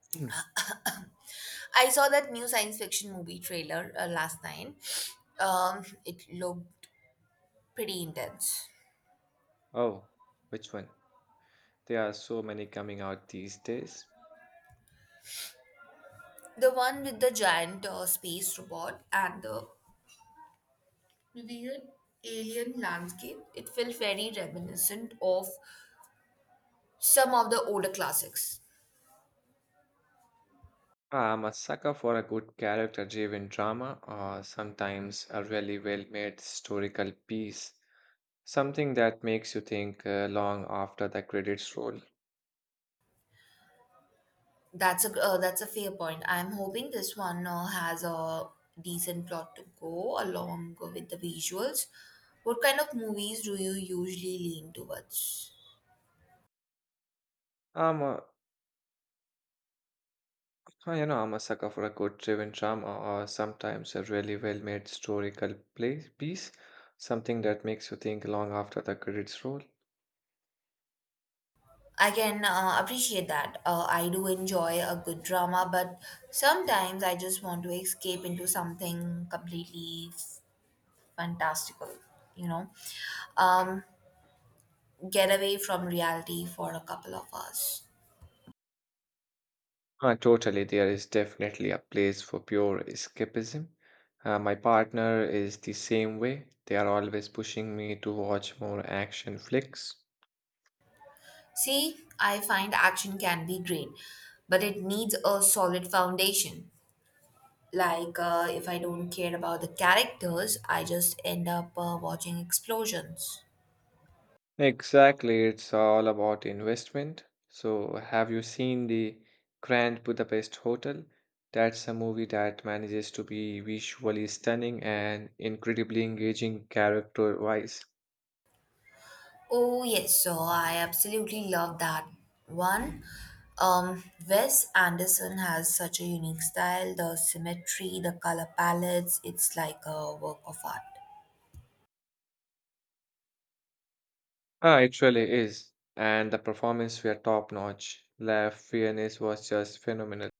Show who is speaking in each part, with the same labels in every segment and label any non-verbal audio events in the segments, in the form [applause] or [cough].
Speaker 1: [clears throat] Mm.
Speaker 2: I saw that new science fiction movie trailer last night. It looked pretty intense.
Speaker 1: Oh, which one? There are so many coming out these days.
Speaker 2: The one with the giant space robot and the weird alien landscape. It felt very reminiscent of some of the older classics.
Speaker 1: I'm a sucker for a good character-driven drama or sometimes a really well-made historical piece, something that makes you think long after the credits roll.
Speaker 2: That's a fair point. I'm hoping this one has a decent plot to go along with the visuals. What kind of movies do you usually lean towards?
Speaker 1: I'm a, I'm a sucker for a good driven drama or sometimes a really well-made historical play piece, something that makes you think long after the credits roll.
Speaker 2: I can appreciate that. I do enjoy a good drama, but sometimes I just want to escape into something completely fantastical, you know, um, get away from reality for a couple of hours.
Speaker 1: Totally, there is definitely a place for pure escapism. My partner is the same way. They are always pushing me to watch more action flicks.
Speaker 2: See, I find action can be great, but it needs a solid foundation. Like, if I don't care about the characters, I just end up watching explosions.
Speaker 1: Exactly, it's all about investment. So, have you seen the Grand Budapest Hotel? That's a movie that manages to be visually stunning and incredibly engaging character-wise.
Speaker 2: Oh yes, so I absolutely love that one. Wes Anderson has such a unique style, the symmetry, the color palettes. It's like a work of art.
Speaker 1: Ah, it really is. And the performance were top-notch. Laugh Fiennes was just phenomenal.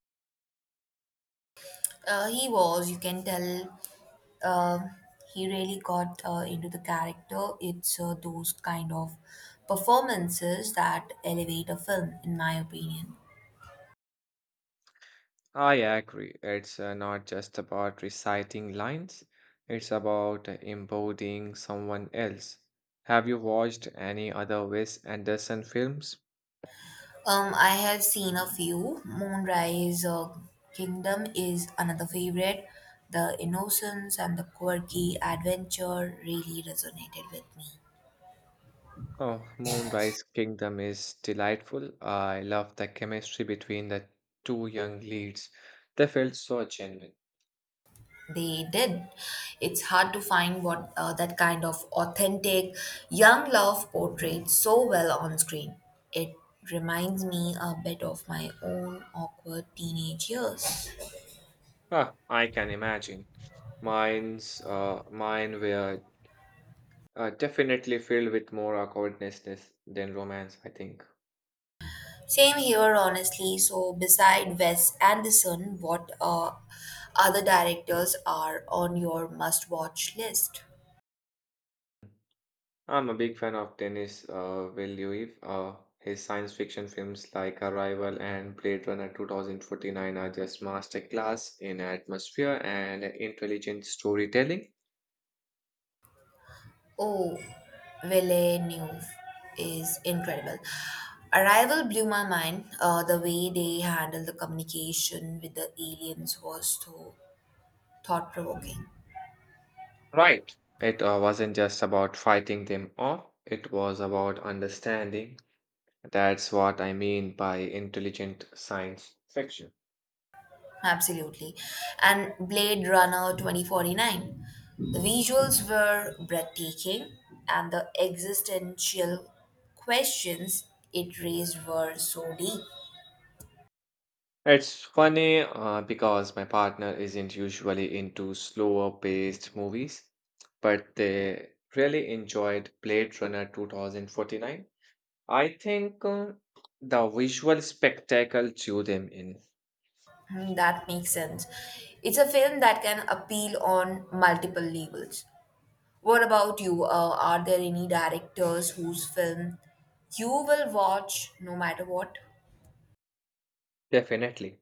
Speaker 2: He was, you can tell, uh, he really got into the character. It's those kind of performances that elevate a film, in my opinion.
Speaker 1: I agree. It's not just about reciting lines, it's about embodying someone else. Have you watched any other Wes Anderson films?
Speaker 2: I have seen a few. Moonrise Kingdom is another favorite. The innocence and the quirky adventure really resonated with me.
Speaker 1: Oh, Moonrise Kingdom is delightful. I love the chemistry between the two young leads. They felt so genuine.
Speaker 2: They did. It's hard to find what that kind of authentic young love portrayed so well on screen. It reminds me a bit of my own awkward teenage years.
Speaker 1: Ah, I can imagine. Mine were definitely filled with more awkwardness than romance, I think.
Speaker 2: Same here, honestly. So, beside Wes Anderson, what other directors are on your must watch list?
Speaker 1: I'm a big fan of Denis Villeneuve. His science fiction films like Arrival and Blade Runner 2049 are just masterclass in atmosphere and intelligent storytelling.
Speaker 2: Oh, Villeneuve is incredible. Arrival blew my mind. The way they handled the communication with the aliens was so thought provoking.
Speaker 1: Right. It wasn't just about fighting them off, it was about understanding. That's what I mean by intelligent science fiction.
Speaker 2: Absolutely. And Blade Runner 2049. The visuals were breathtaking, and the existential questions it raised were so deep.
Speaker 1: It's funny because my partner isn't usually into slower paced movies, but they really enjoyed Blade Runner 2049. I think the visual spectacle drew them in,
Speaker 2: Hmm, that makes sense. It's a film that can appeal on multiple levels. What about you? Are there any directors whose film you will watch no matter what?
Speaker 1: definitely.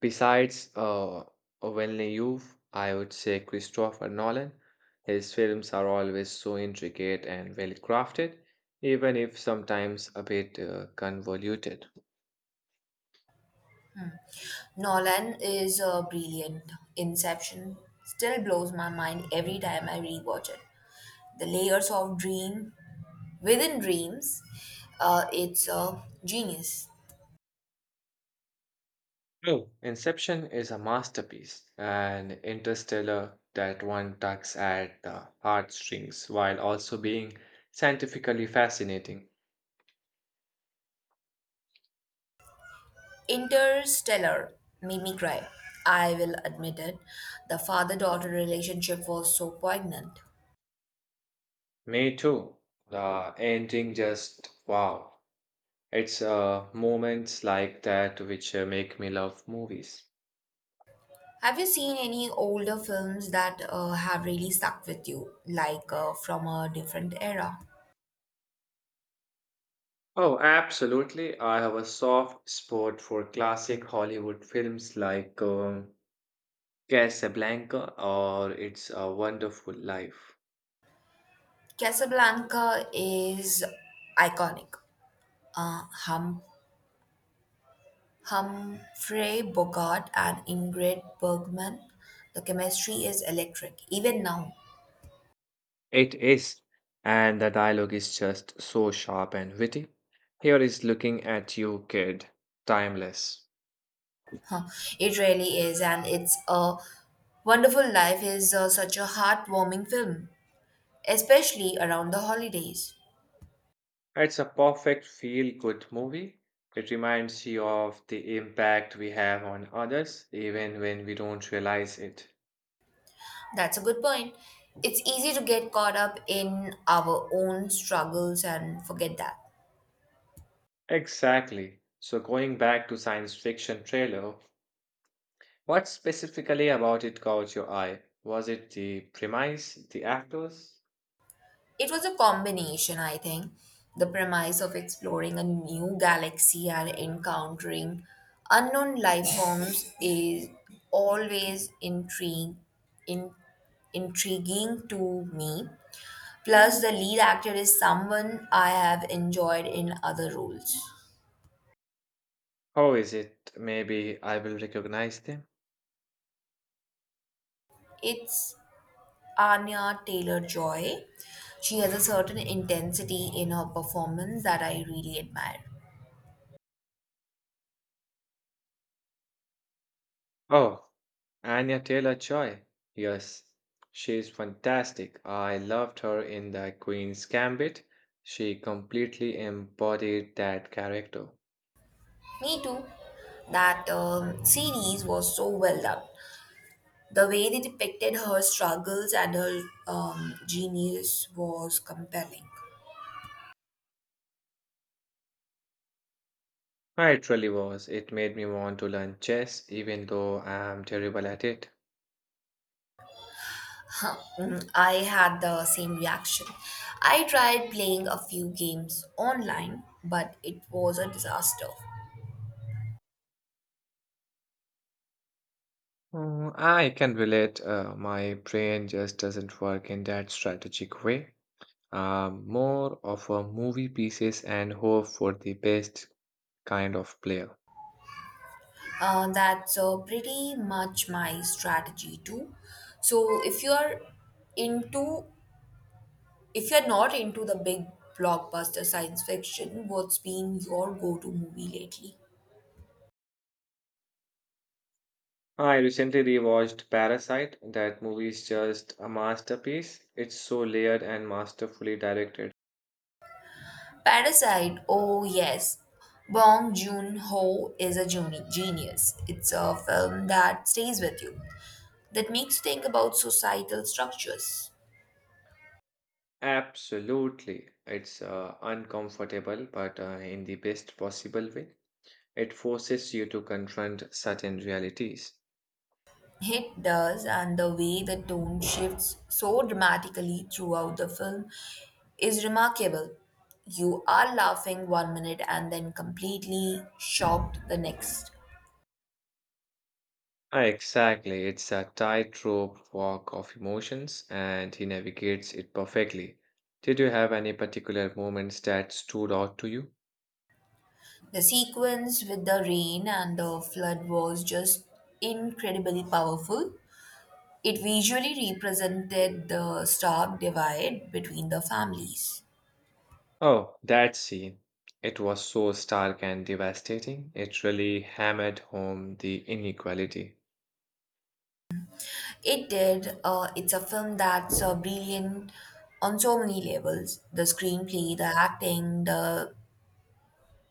Speaker 1: Besides Villeneuve, Youth, I would say Christopher Nolan. His films are always so intricate and well crafted, even if sometimes a bit convoluted.
Speaker 2: Nolan is brilliant. Inception still blows my mind every time I rewatch it. The layers of dream within dreams, it's a genius.
Speaker 1: True. Inception is a masterpiece, and Interstellar that one tugs at the heartstrings while also being scientifically fascinating.
Speaker 2: Interstellar made me cry. I will admit it. The father daughter relationship was so poignant.
Speaker 1: Me too. The ending just wow. It's moments like that which make me love movies.
Speaker 2: Have you seen any older films that have really stuck with you, like from a different era?
Speaker 1: Oh, absolutely. I have a soft spot for classic Hollywood films like Casablanca or It's a Wonderful Life.
Speaker 2: Casablanca is iconic. uh, hum, Humphrey Bogart and Ingrid Bergman. The chemistry is electric, even now.
Speaker 1: It is, and the dialogue is just so sharp and witty. Here is looking at you, kid. Timeless.
Speaker 2: Huh, it really is, and it's a Wonderful Life is such a heartwarming film, especially around the holidays.
Speaker 1: It's a perfect feel good movie. It reminds you of the impact we have on others, even when we don't realize it.
Speaker 2: That's a good point. It's easy to get caught up in our own struggles and forget that.
Speaker 1: Exactly. So, going back to science fiction trailer, what specifically about it caught your eye? Was it the premise, the actors?
Speaker 2: It was a combination, I think. The premise of exploring a new galaxy and encountering unknown life forms is always intrigue, in, intriguing to me. Plus, the lead actor is someone I have enjoyed in other roles.
Speaker 1: How is it? Maybe I will recognize them.
Speaker 2: It's Anya Taylor Joy. She has a certain intensity in her performance that I really admire.
Speaker 1: Oh, Anya Taylor-Joy. Yes, she's fantastic. I loved her in The Queen's Gambit. She completely embodied that character.
Speaker 2: Me too. That series was so well done. The way they depicted her struggles and her genius was compelling.
Speaker 1: Ah, it really was. It made me want to learn chess, even though I'm terrible at it.
Speaker 2: Huh. Mm, I had the same reaction. I tried playing a few games online, but it was a disaster.
Speaker 1: Mm, I can relate. My brain just doesn't work in that strategic way. I'm more of a movie pieces and hope for the best kind of player.
Speaker 2: That's pretty much my strategy too. So into if you're not into the big blockbuster science fiction, what's been your go-to movie lately?
Speaker 1: Ah, I recently rewatched Parasite. That movie is just a masterpiece. It's so layered and masterfully directed.
Speaker 2: Parasite, oh yes. Bong Joon-ho is a genius. It's a film that stays with you, that makes you think about societal structures.
Speaker 1: Absolutely. It's uncomfortable, but in the best possible way. It forces you to confront certain realities.
Speaker 2: It does, and the way the tone shifts so dramatically throughout the film is remarkable. You are laughing one minute and then completely shocked the next.
Speaker 1: Ah, exactly. It's a tightrope walk of emotions, and he navigates it perfectly. Did you have any particular moments that stood out to you?
Speaker 2: The sequence with the rain and the flood was just incredibly powerful. It visually represented the stark divide between the families.
Speaker 1: Oh, that scene. It was so stark and devastating. It really hammered home the inequality.
Speaker 2: It did. It's a film that's brilliant on so many levels the screenplay, the acting, the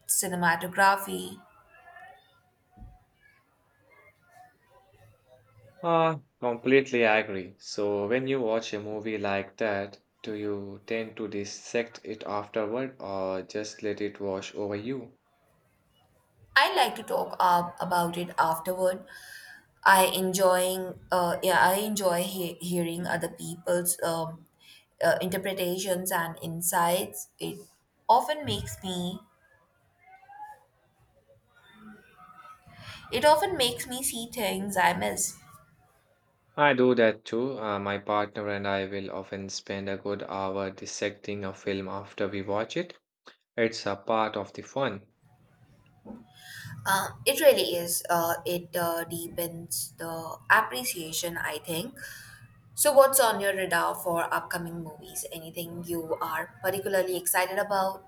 Speaker 2: cinematography.
Speaker 1: Ah, completely agree. So, when you watch a movie like that, do you tend to dissect it afterward or just let it wash over you?
Speaker 2: I'd like to talk about it afterward. I enjoy hearing other people's interpretations and insights. Often makes me it often makes me see things I miss.
Speaker 1: I do that too. My partner and I will often spend a good hour dissecting a film after we watch it. It's a part of the fun.
Speaker 2: It really is. It deepens the appreciation. I think. So, what's on your radar for upcoming movies? Anything you are particularly excited about?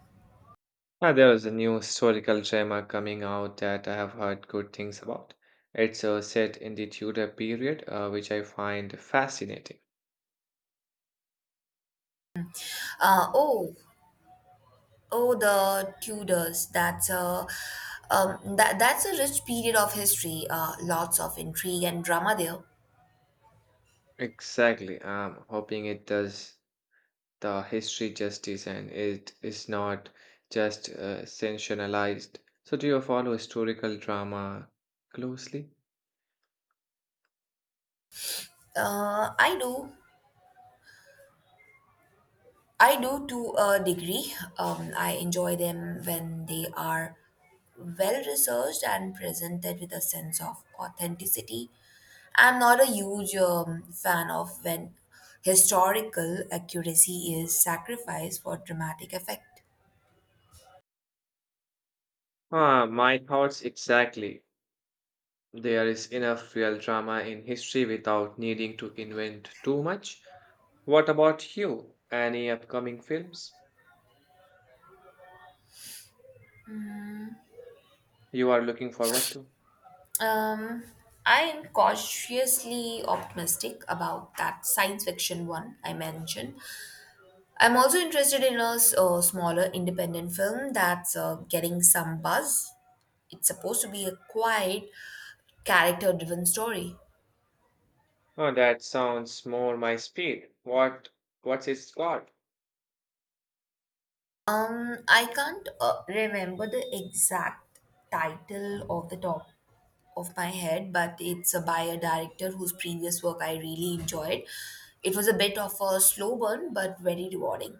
Speaker 1: Ah, there is a new historical drama coming out that I have heard good things about. It's set in the Tudor period, which I find fascinating.
Speaker 2: Uh, oh, Oh, the Tudors. That's a rich period of history. Lots of intrigue and drama there.
Speaker 1: Exactly. I'm hoping it does the history justice and it is not just sensationalized. So, do you follow historical drama closely?
Speaker 2: Uh, I do, I do to a degree. I enjoy them when they are well researched and presented with a sense of authenticity. I'm not a huge fan of when historical accuracy is sacrificed for dramatic effect.
Speaker 1: Ah, my thoughts exactly. There is enough real drama in history without needing to invent too much. What about you? Any upcoming films you are looking forward to?
Speaker 2: Um, I am cautiously optimistic about that science fiction one I mentioned. I'm also interested in a smaller independent film that's getting some buzz. It's supposed to be a quiet, character-driven story.
Speaker 1: Oh, that sounds more my speed. What's it called?
Speaker 2: I can't remember the exact title off the top of my head, but it's by a director whose previous work I really enjoyed. It was a bit of a slow burn, but very rewarding.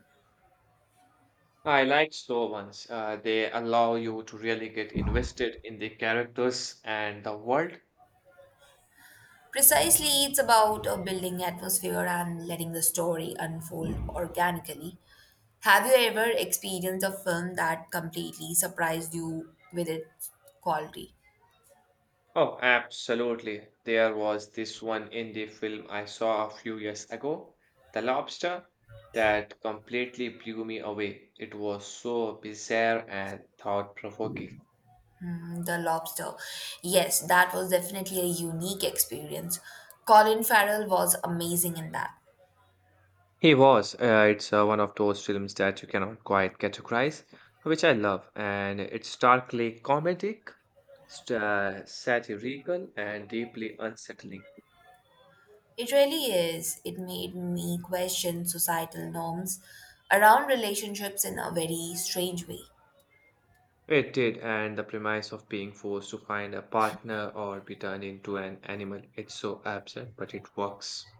Speaker 1: I like slow ones. They allow you to really get invested in the characters and the world.
Speaker 2: Precisely, it's about building atmosphere and letting the story unfold organically. Have you ever experienced a film that completely surprised you with its quality?
Speaker 1: Oh, absolutely. There was this one indie film I saw a few years ago, The Lobster, that completely blew me away. It was so bizarre and thought-provoking.
Speaker 2: Hmm, the Lobster. Yes, that was definitely a unique experience. Colin Farrell was amazing in that.
Speaker 1: He was. It's one of those films that you cannot quite categorize, which I love. And it's starkly comedic, satirical, and deeply unsettling.
Speaker 2: It really is. It made me question societal norms around relationships in a very strange way.
Speaker 1: It did, and the premise of being forced to find a partner or be turned into an animal. It's so absurd, but it works.